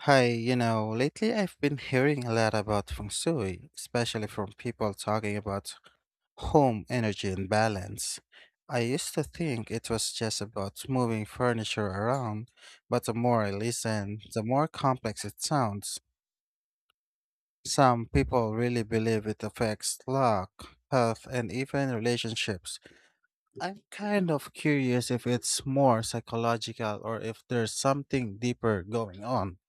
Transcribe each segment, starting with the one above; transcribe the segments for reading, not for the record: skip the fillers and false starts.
Lately I've been hearing a lot about feng shui, especially from people talking about home energy and balance. I used to think it was just about moving furniture around, but the more I listen, the more complex it sounds. Some people really believe it affects luck, health, and even relationships. I'm kind of curious if it's more psychological or if there's something deeper going on.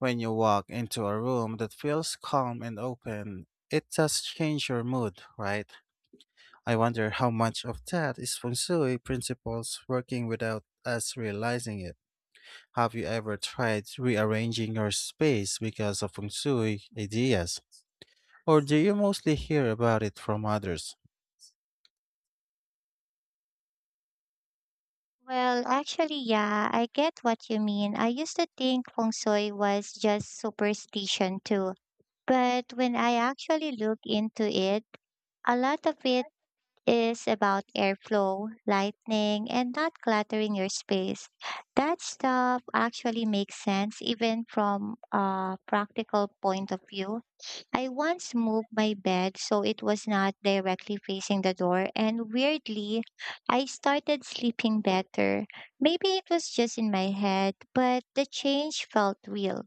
When you walk into a room that feels calm and open, it does change your mood, right? I wonder how much of that is feng shui principles working without us realizing it. Have you ever tried rearranging your space because of feng shui ideas? Or do you mostly hear about it from others? Yeah, I get what you mean. I used to think feng shui was just superstition too. But when I actually look into it, a lot of it is about airflow, lighting, and not cluttering your space. That stuff actually makes sense even from a practical point of view. I once moved my bed so it was not directly facing the door, and weirdly, I started sleeping better. Maybe it was just in my head, but the change felt real.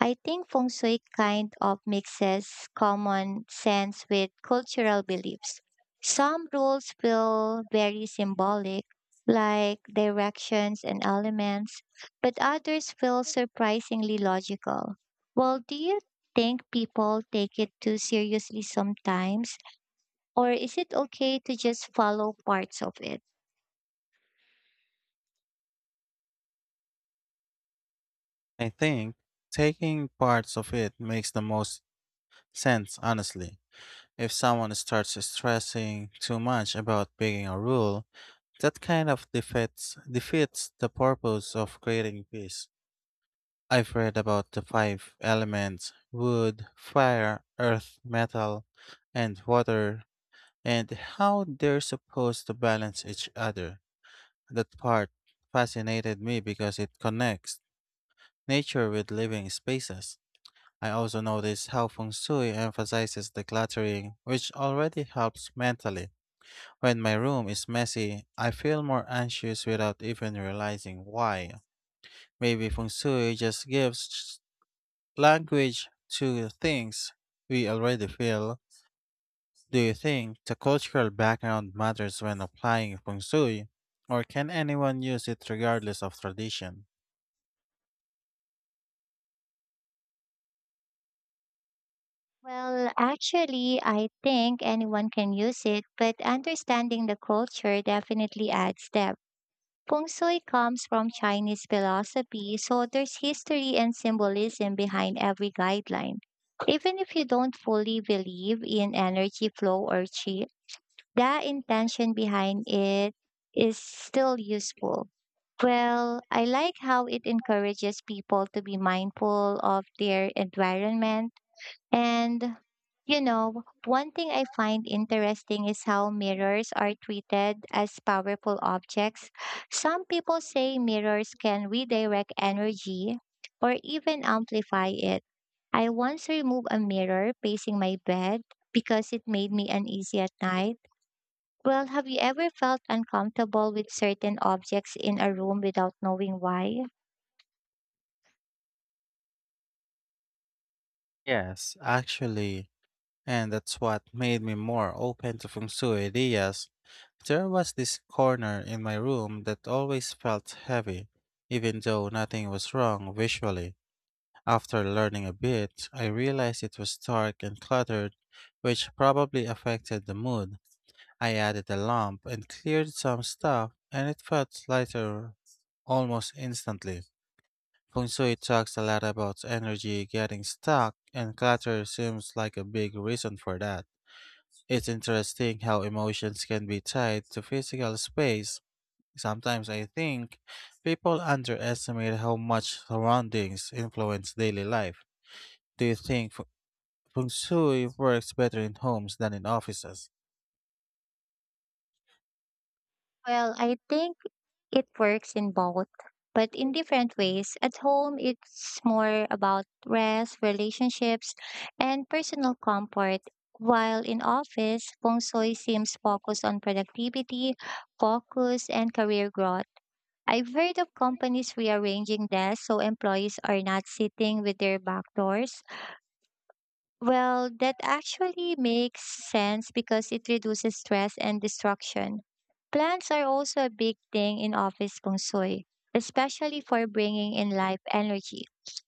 I think feng shui kind of mixes common sense with cultural beliefs. Some rules feel very symbolic, like directions and elements, but others feel surprisingly logical. Well, do you think people take it too seriously sometimes? Or is it okay to just follow parts of it? I think taking parts of it makes the most sense, honestly. If someone starts stressing too much about breaking a rule, that kind of defeats the purpose of creating peace. I've read about the five elements: wood, fire, earth, metal, and water, and how they're supposed to balance each other. That part fascinated me because it connects nature with living spaces. I also noticed how feng shui emphasizes decluttering, which already helps mentally. When my room is messy, I feel more anxious without even realizing why. Maybe feng shui just gives language to things we already feel. Do you think the cultural background matters when applying feng shui, or can anyone use it regardless of tradition? I think anyone can use it, but understanding the culture definitely adds depth. Feng Shui comes from Chinese philosophy, so there's history and symbolism behind every guideline. Even if you don't fully believe in energy flow or qi, the intention behind it is still useful. Well, I like how it encourages people to be mindful of their environment. And, you know, one thing I find interesting is how mirrors are treated as powerful objects. Some people say mirrors can redirect energy or even amplify it. I once removed a mirror facing my bed because it made me uneasy at night. Well, have you ever felt uncomfortable with certain objects in a room without knowing why? Yes, actually, and that's what made me more open to feng shui ideas. There was this corner in my room that always felt heavy, even though nothing was wrong visually. After learning a bit, I realized it was dark and cluttered, which probably affected the mood. I added a lamp and cleared some stuff, and it felt lighter almost instantly. Feng shui talks a lot about energy getting stuck, and clutter seems like a big reason for that. It's interesting how emotions can be tied to physical space. Sometimes I think people underestimate how much surroundings influence daily life. Do you think feng shui works better in homes than in offices? Well, I think it works in both, but in different ways. At home, it's more about rest, relationships, and personal comfort. While in office, feng shui seems focused on productivity, focus, and career growth. I've heard of companies rearranging desks so employees are not sitting with their back doors. Well, that actually makes sense because it reduces stress and distraction. Plants are also a big thing in office feng shui, especially for bringing in life energy.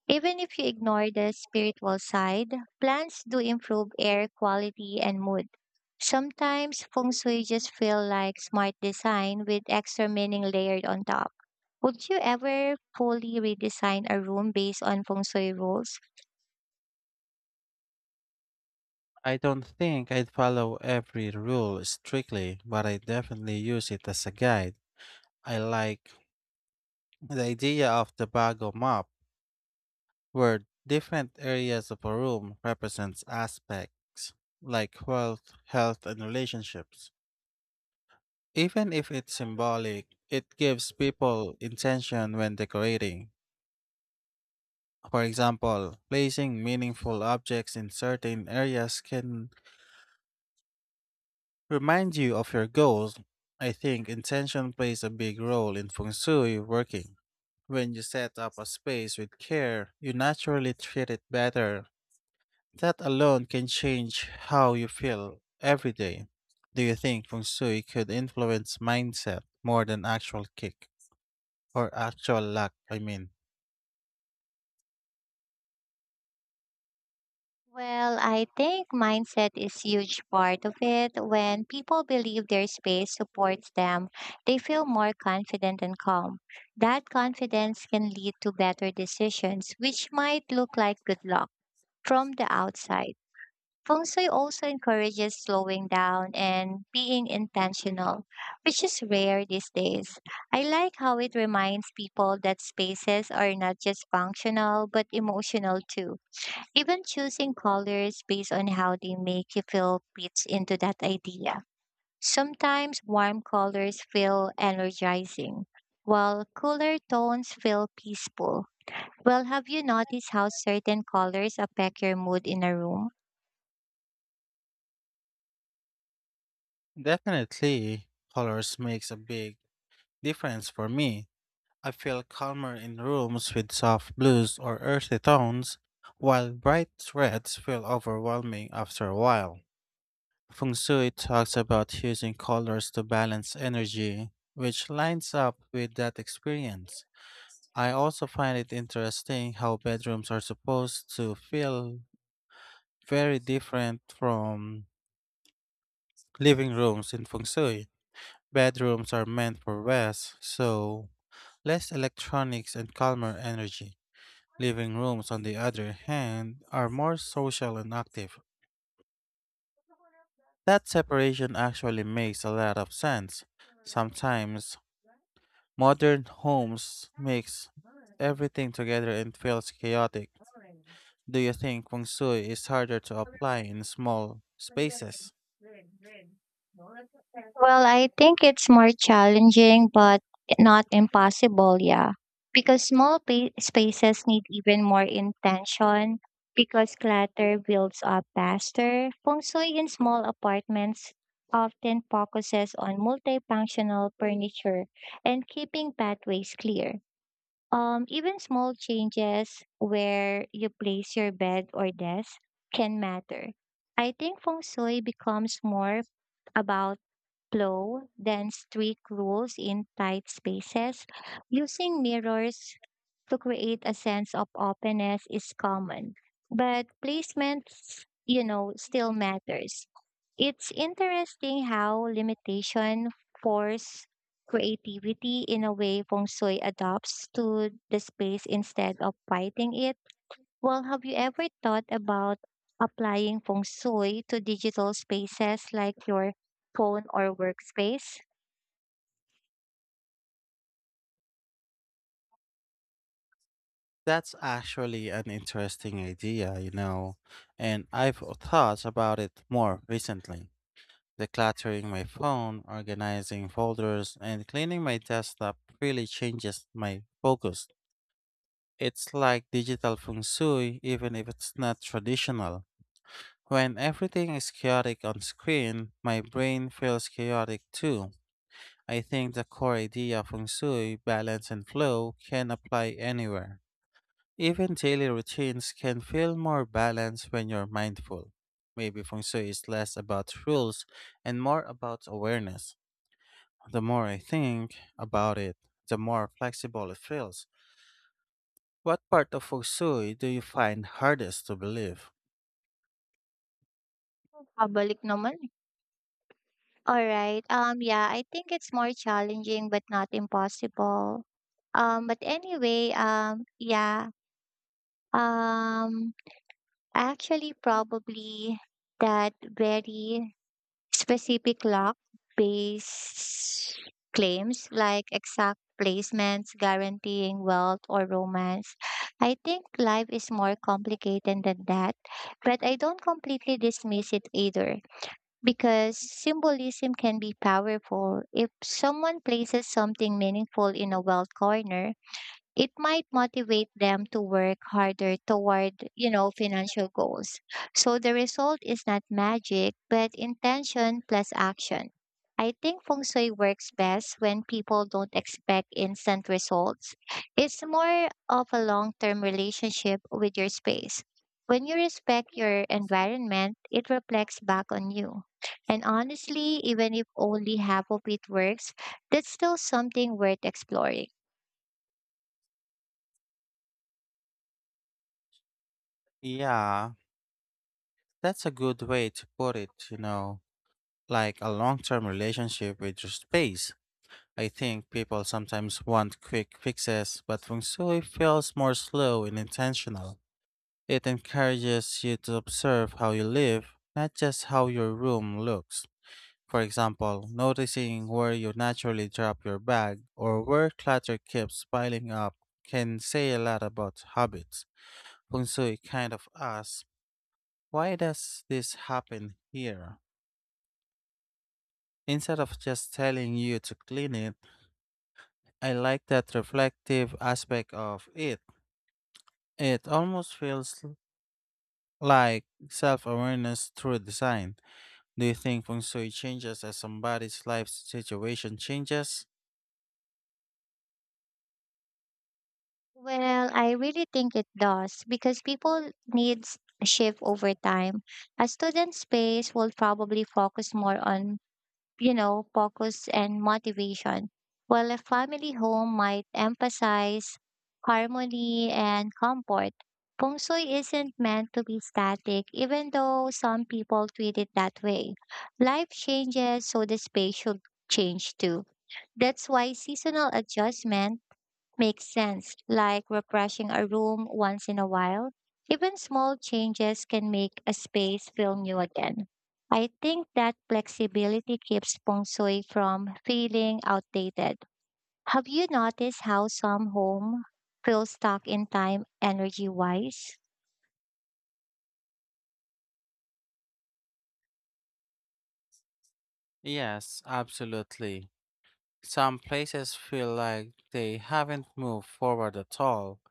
Even if you ignore the spiritual side, plants do improve air quality and mood. Sometimes feng shui just feel like smart design with extra meaning layered on top. Would you ever fully redesign a room based on feng shui rules? I don't think I'd follow every rule strictly, but I definitely use it as a guide. I like the idea of the Bago map, where different areas of a room represents aspects like wealth, health, and relationships. Even if it's symbolic, it gives people intention when decorating. For example, placing meaningful objects in certain areas can remind you of your goals. I think intention plays a big role in feng shui working. When you set up a space with care, you naturally treat it better. That alone can change how you feel every day. Do you think feng shui could influence mindset more than actual kick or actual luck? Well, I think mindset is huge part of it. When people believe their space supports them, they feel more confident and calm. That confidence can lead to better decisions, which might look like good luck from the outside. Feng Shui also encourages slowing down and being intentional, which is rare these days. I like how it reminds people that spaces are not just functional but emotional too, even choosing colors based on how they make you feel fits into that idea. Sometimes warm colors feel energizing, while cooler tones feel peaceful. Well, have you noticed how certain colors affect your mood in a room? Definitely colors makes a big difference for me. I feel calmer in rooms with soft blues or earthy tones, while bright reds feel overwhelming after a while. Feng shui talks about using colors to balance energy, which lines up with that experience. I also find it interesting how bedrooms are supposed to feel very different from living rooms in feng shui. Bedrooms are meant for rest, so less electronics and calmer energy. Living rooms, on the other hand, are more social and active. That separation actually makes a lot of sense. Sometimes modern homes mix everything together and feels chaotic. Do you think feng shui is harder to apply in small spaces? Well, I think it's more challenging, but not impossible, yeah. Because spaces need even more intention, because clutter builds up faster. Feng Shui in small apartments often focuses on multifunctional furniture and keeping pathways clear. Even small changes where you place your bed or desk can matter. I think feng shui becomes more about flow than strict rules in tight spaces. Using mirrors to create a sense of openness is common, but placement, you know, still matters. It's interesting how limitation force creativity in a way feng shui adopts to the space instead of fighting it. Well, have you ever thought about applying feng shui to digital spaces like your phone or workspace? That's actually an interesting idea, and I've thought about it more recently. Decluttering my phone, organizing folders, and cleaning my desktop really changes my focus. It's like digital feng shui, even if it's not traditional. When everything is chaotic on screen, my brain feels chaotic too. I think the core idea of feng shui, balance, and flow can apply anywhere. Even daily routines can feel more balanced when you're mindful. Maybe feng shui is less about rules and more about awareness. The more I think about it, the more flexible it feels. What part of feng shui do you find hardest to believe? Pabalik naman eh. Alright. Yeah, I think it's more challenging but not impossible. But anyway, Um, actually, probably that very specific lock based claims like exact placements, guaranteeing wealth or romance. I think life is more complicated than that, but I don't completely dismiss it either, because symbolism can be powerful. If someone places something meaningful in a wealth corner, it might motivate them to work harder toward, you know, financial goals. So the result is not magic but intention plus action. I think feng shui works best when people don't expect instant results. It's more of a long-term relationship with your space. When you respect your environment, it reflects back on you. And honestly, even if only half of it works, that's still something worth exploring. Yeah, that's a good way to put it, like a long term relationship with your space. I think people sometimes want quick fixes, but feng shui feels more slow and intentional. It encourages you to observe how you live, not just how your room looks. For example, noticing where you naturally drop your bag or where clutter keeps piling up can say a lot about habits. Feng shui kind of asks, why does this happen here? Instead of just telling you to clean it, I like that reflective aspect of it. It almost like self awareness through design. Do you think feng shui changes as somebody's life situation changes? Well, I really think it does because people needs a shift over time. A student space will probably focus more on, you know, focus and motivation, while a family home might emphasize harmony and comfort. Feng Shui isn't meant to be static, even though some people treat it that way. Life changes, so the space should change too. That's why seasonal adjustment makes sense, like refreshing a room once in a while. Even small changes can make a space feel new again. I think that flexibility keeps feng shui from feeling outdated. Have you noticed how some home feel stuck in time energy wise? Yes, absolutely. Some places feel like they haven't moved forward at all.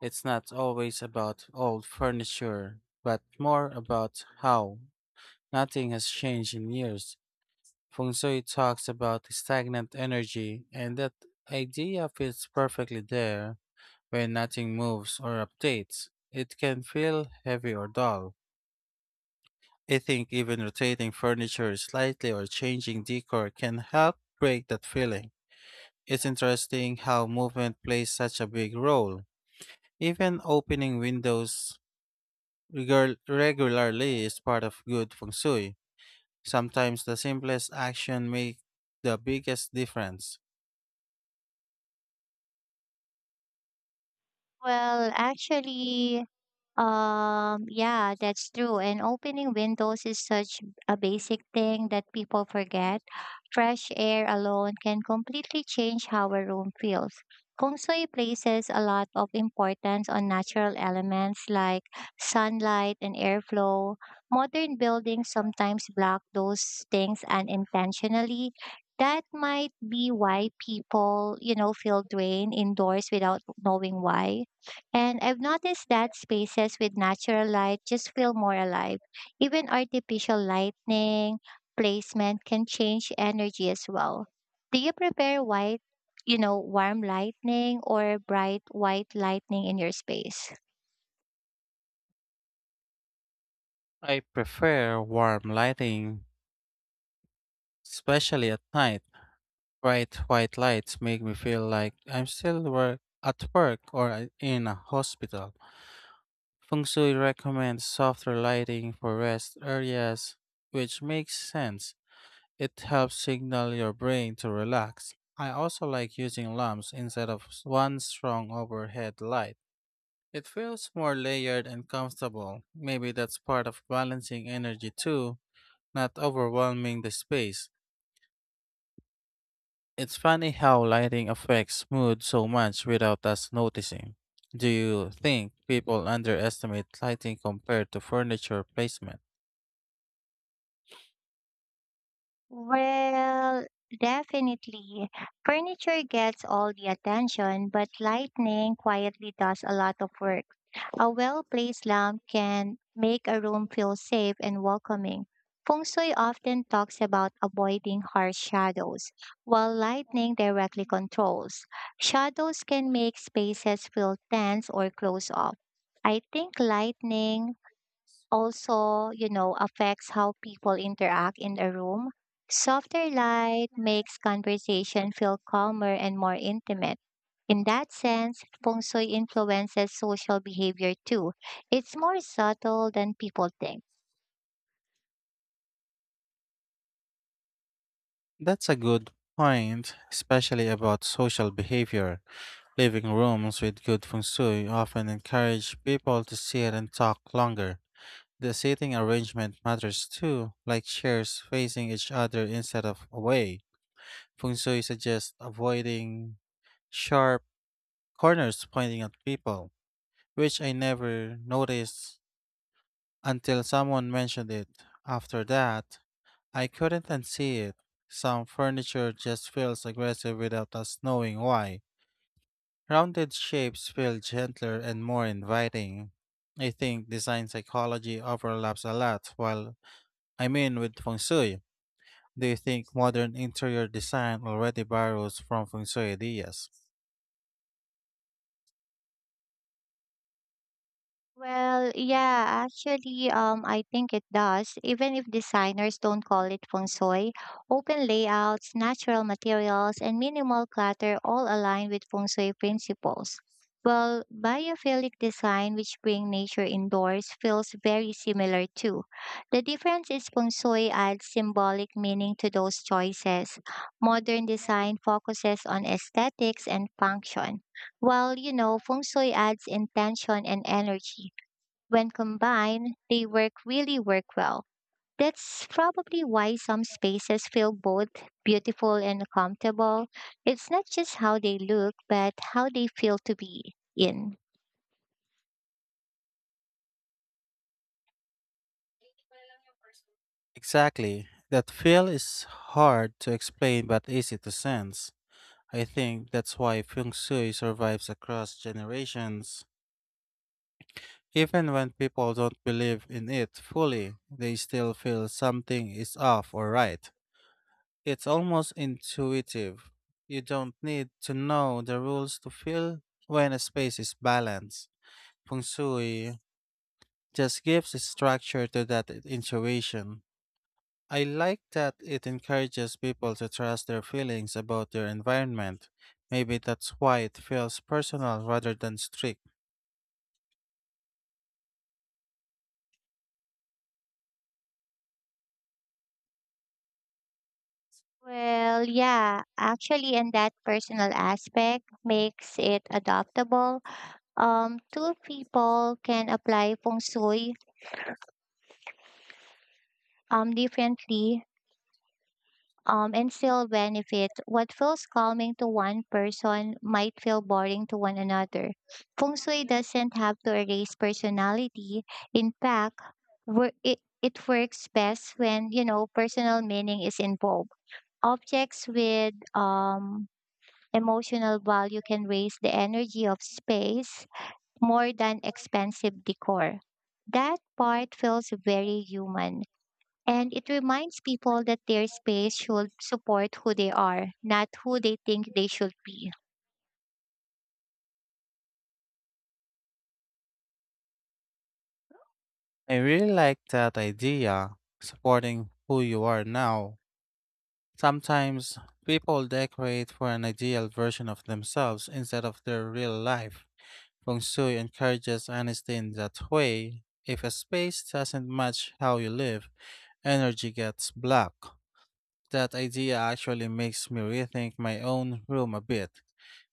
It's not always about old furniture, but more about how nothing has changed in years. Feng shui talks about stagnant energy, and that idea fits perfectly there. When nothing moves or updates, it can feel heavy or dull. I think even rotating furniture slightly or changing decor can help break that feeling. It's interesting how movement plays such a big role. Even opening windows regularly is part of good feng shui. Sometimes the simplest action makes the biggest difference. Well, yeah, that's true. And opening windows is such a basic thing that people forget. Fresh air alone can completely change how a room feels. Feng Shui places a lot of importance on natural elements like sunlight and airflow. Modern buildings sometimes block those things unintentionally. That might be why people, you know, feel drained indoors without knowing why, and I've noticed that spaces with natural light just feel more alive. Even artificial lighting placement can change energy as well. Do you prefer white, you know, warm lightning or bright white lightning in your space? I prefer warm lighting, especially at night. Bright white lights make me feel like I'm still work, in a hospital. Feng shui recommends softer lighting for rest areas, which makes sense. It helps signal your brain to relax. I also like using lamps instead of one strong overhead light. It feels more layered and comfortable. Maybe that's part of balancing energy too, not overwhelming the space. It's funny how lighting affects mood so much without us noticing. Do you think people underestimate lighting compared to furniture placement? Well, definitely. Furniture gets all the attention, but lighting quietly does a lot of work. A well placed lamp can make a room feel safe and welcoming. Feng Shui often talks about avoiding harsh shadows, while lightning directly controls. Shadows can make spaces feel tense or close off. I think lightning also, you know, affects how people interact in a room. Softer light makes conversation feel calmer and more intimate. In that sense, feng shui influences social behavior too. It's more subtle than people think. That's a good point, especially about social behavior. Living rooms with good feng shui often encourage people to sit and talk longer. The seating arrangement matters too, like chairs facing each other instead of away. Feng shui suggests avoiding sharp corners pointing at people, which I never noticed until someone mentioned it. After that, I couldn't unsee it. Some furniture just feels aggressive without us knowing why. Rounded shapes feel gentler and more inviting. I think design psychology overlaps a lot while I mean with feng shui. Do you think modern interior design already borrows from feng shui ideas? Well, I think it does. Even if designers don't call it feng shui, open layouts, natural materials, and minimal clutter all align with feng shui principles. Well, biophilic design, which bring nature indoors, feels very similar too. The difference is feng shui adds symbolic meaning to those choices. Modern design focuses on aesthetics and function, while, you know, feng shui adds intention and energy. When combined, they work really work well. That's probably why some spaces feel both beautiful and comfortable. It's not just how they look, but how they feel to be in. Exactly. That feel is hard to explain but easy to sense. I think that's why feng shui survives across generations. Even when people don't believe in it fully, they still feel something is off or right. It's almost intuitive. You don't need to know the rules to feel when a space is balanced. Feng shui just gives structure to that intuition. I like that it encourages people to trust their feelings about their environment. Maybe that's why it feels personal rather than strict. Well, and that personal aspect makes it adaptable. Two people can apply feng shui differently and still benefit. What feels calming to one person might feel boring to one another. Feng Shui doesn't have to erase personality. In fact, it works best when, you know, personal meaning is involved. Objects with emotional value can raise the energy of space more than expensive decor. That part feels very human. And it reminds people that their space should support who they are, not who they think they should be. I really like that idea, supporting who you are now. Sometimes people decorate for an ideal version of themselves instead of their real life. Feng shui encourages honesty in that way. If a space doesn't match how you live, energy gets blocked. That idea actually makes me rethink my own room a bit.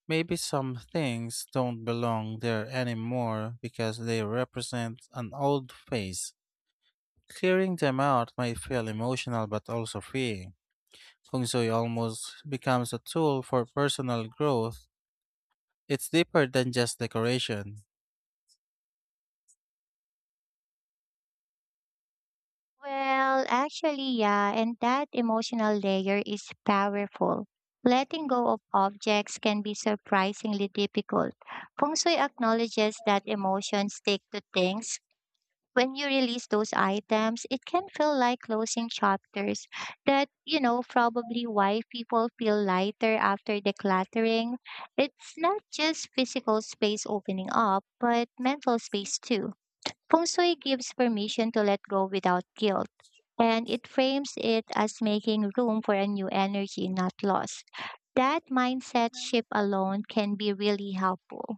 Maybe some things don't belong there anymore because they represent an old phase. Clearing them out might feel emotional but also freeing. Feng shui almost becomes a tool for personal growth. It's deeper than just decoration. Yeah, and that emotional layer is powerful. Letting go of objects can be surprisingly difficult. Feng Shui acknowledges that emotions stick to things. When you release those items, it can feel like closing chapters. That, you know, probably why people feel lighter after decluttering. It's not just physical space opening up, but mental space too. Feng Shui gives permission to let go without guilt. And it frames it as making room for a new energy, not lost. That mindset shift alone can be really helpful.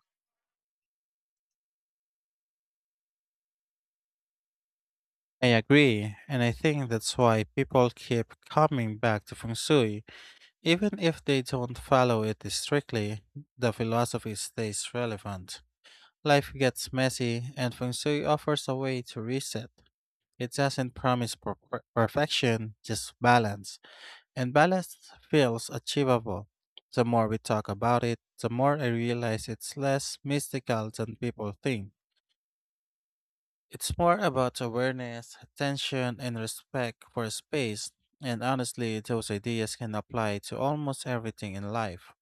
I agree, and I think that's why people keep coming back to feng shui. Even if they don't follow it strictly, the philosophy stays relevant. Life gets messy, and feng shui offers a way to reset. It doesn't promise perfection, just balance. And balance feels achievable. The more we talk about it, the more I realize it's less mystical than people think. It's more about awareness, attention, and respect for space, and honestly, those ideas can apply to almost everything in life.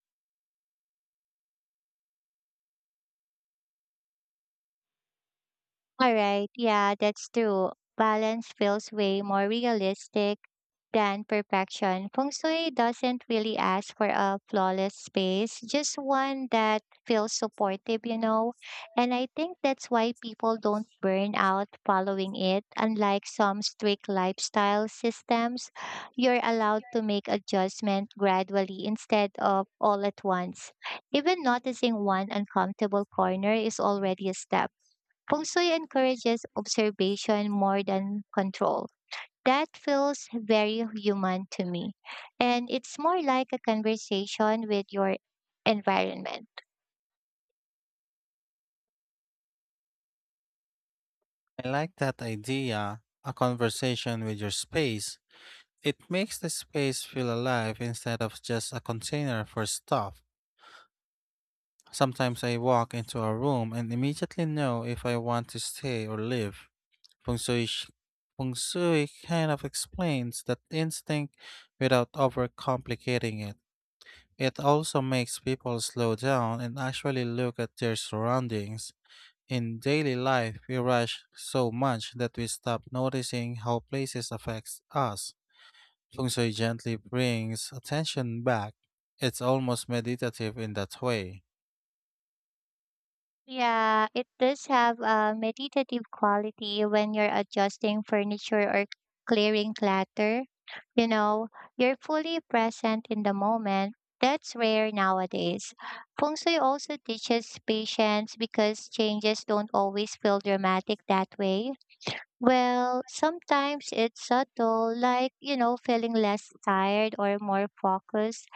All right, yeah, that's true. Balance feels way more realistic than perfection. Feng Shui doesn't really ask for a flawless space, just one that feels supportive, you know. And I think that's why people don't burn out following it. Unlike some strict lifestyle systems, you're allowed to make adjustment gradually instead of all at once. Even noticing one uncomfortable corner is already a step. Feng Shui encourages observation more than control. That feels very human to me. And it's more like a conversation with your environment. I like that idea, a conversation with your space. It makes the space feel alive instead of just a container for stuff. Sometimes I walk into a room and immediately know if I want to stay or leave. Feng Shui, sh- Feng shui kind of explains that instinct without overcomplicating it. It also makes people slow down and actually look at their surroundings. In daily life, we rush so much that we stop noticing how places affects us. Feng shui gently brings attention back. It's almost meditative in that way. Yeah, it does have a meditative quality when you're adjusting furniture or clearing clutter. You know, you're fully present in the moment. That's rare nowadays. Feng Shui also teaches patience because changes don't always feel dramatic that way. Well, sometimes it's subtle, like, you know, feeling less tired or more focused.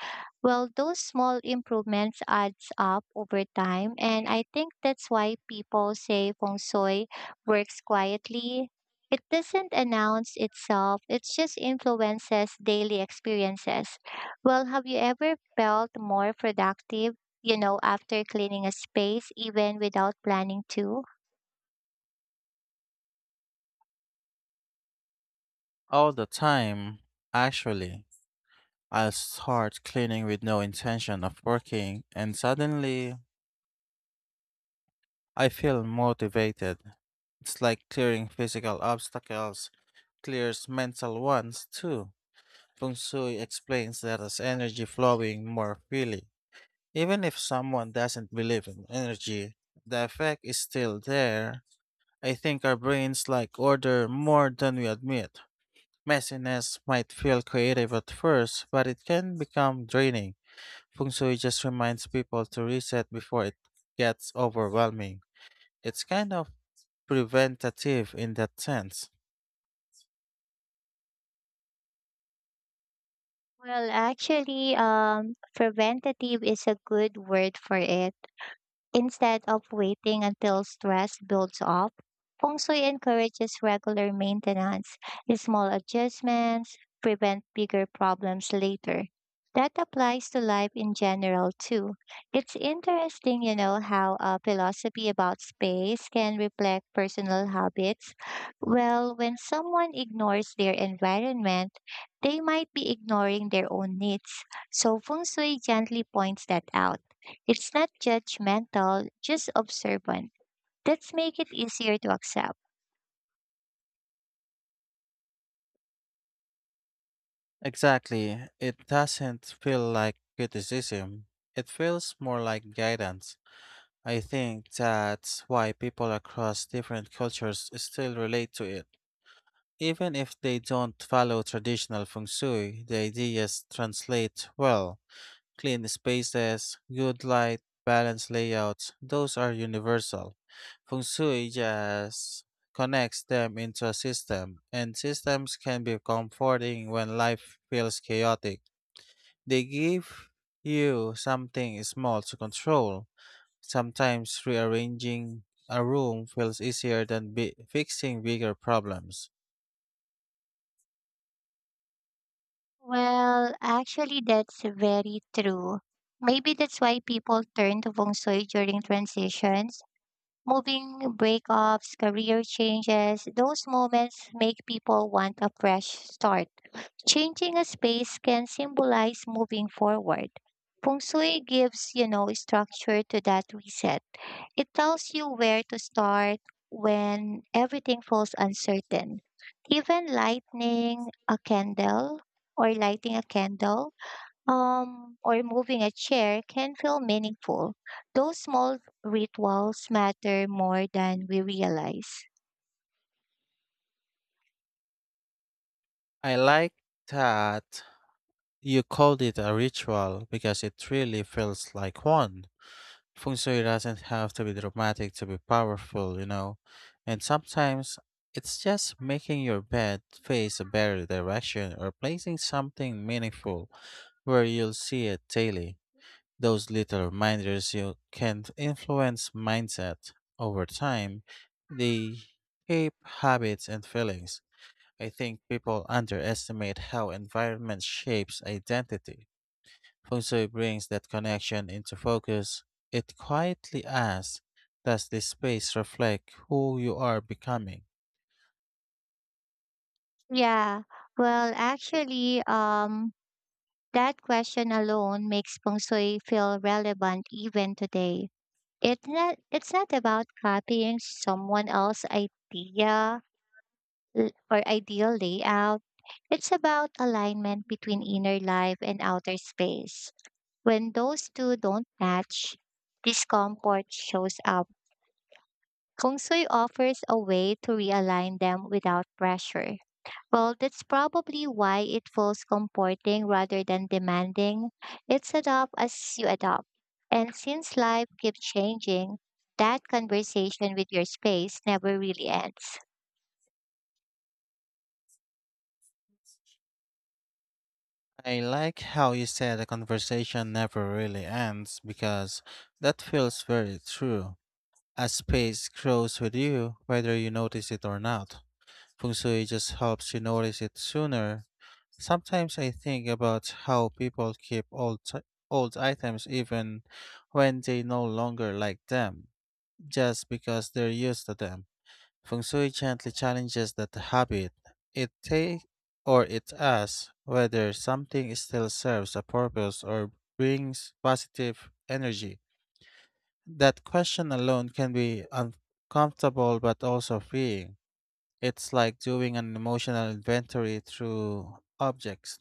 Well, those small improvements adds up over time, and I think that's why people say feng shui works quietly. It doesn't announce itself, it just influences daily experiences. Well, have you ever felt more productive, you know, after cleaning a space even without planning to? All the time, actually. I'll start cleaning with no intention of working, and suddenly I feel motivated. It's like clearing physical obstacles clears mental ones too. Feng shui explains that as energy flowing more freely. Even if someone doesn't believe in energy, the effect is still there. I think our brains like order more than we admit. Messiness might feel creative at first, but it can become draining. Feng shui just reminds people to reset before it gets overwhelming. It's kind of preventative in that sense. Well, preventative is a good word for it. Instead of waiting until stress builds up, feng shui encourages regular maintenance. Small adjustments prevent bigger problems later. That applies to life in general too. It's interesting, you know, how a philosophy about space can reflect personal habits. Well, when someone ignores their environment, they might be ignoring their own needs. So feng shui gently points that out. It's not judgmental, just observant. That's make it easier to accept. Exactly, it doesn't feel like criticism, it feels more like guidance. I think that's why people across different cultures still relate to it. Even if they don't follow traditional feng shui, the ideas translate well. Clean spaces, good light, balanced layouts, those are universal. Feng shui just connects them into a system, and systems can be comforting when life feels chaotic. They give you something small to control. Sometimes rearranging a room feels easier than fixing bigger problems. Well, actually that's very true. Maybe that's why people turn to feng shui during transitions. Moving breakups, career changes, those moments make people want a fresh start. Changing a space can symbolize moving forward. Feng shui gives, you know, structure to that reset. It tells you where to start when everything feels uncertain. Even lighting a candle, or moving a chair can feel meaningful. Those small rituals matter more than we realize. I like that you called it a ritual because it really feels like one. Feng shui doesn't have to be dramatic to be powerful, and sometimes it's just making your bed face a better direction or placing something meaningful where you'll see it daily. Those little reminders you can influence mindset over time. They shape habits and feelings. I think people underestimate how environment shapes identity. Feng shui brings that connection into focus. It quietly asks, does this space reflect who you are becoming? Yeah, well, actually, um, that question alone makes feng shui feel relevant even today. It's not about copying someone else's idea l- or ideal layout. It's about alignment between inner life and outer space. When those two don't match, discomfort shows up. Kung Sui offers a way to realign them without pressure. Well, that's probably why it feels comforting rather than demanding. It's adopt as you adopt. And since life keeps changing, that conversation with your space never really ends. I like how you said the conversation never really ends because that feels very true. As space grows with you, whether you notice it or not, feng shui just helps you notice it sooner. Sometimes I think about how people keep old items even when they no longer like them, just because they're used to them. Feng shui gently challenges that habit. It take or it asks whether something still serves a purpose or brings positive energy. That question alone can be uncomfortable but also freeing. It's like doing an emotional inventory through objects.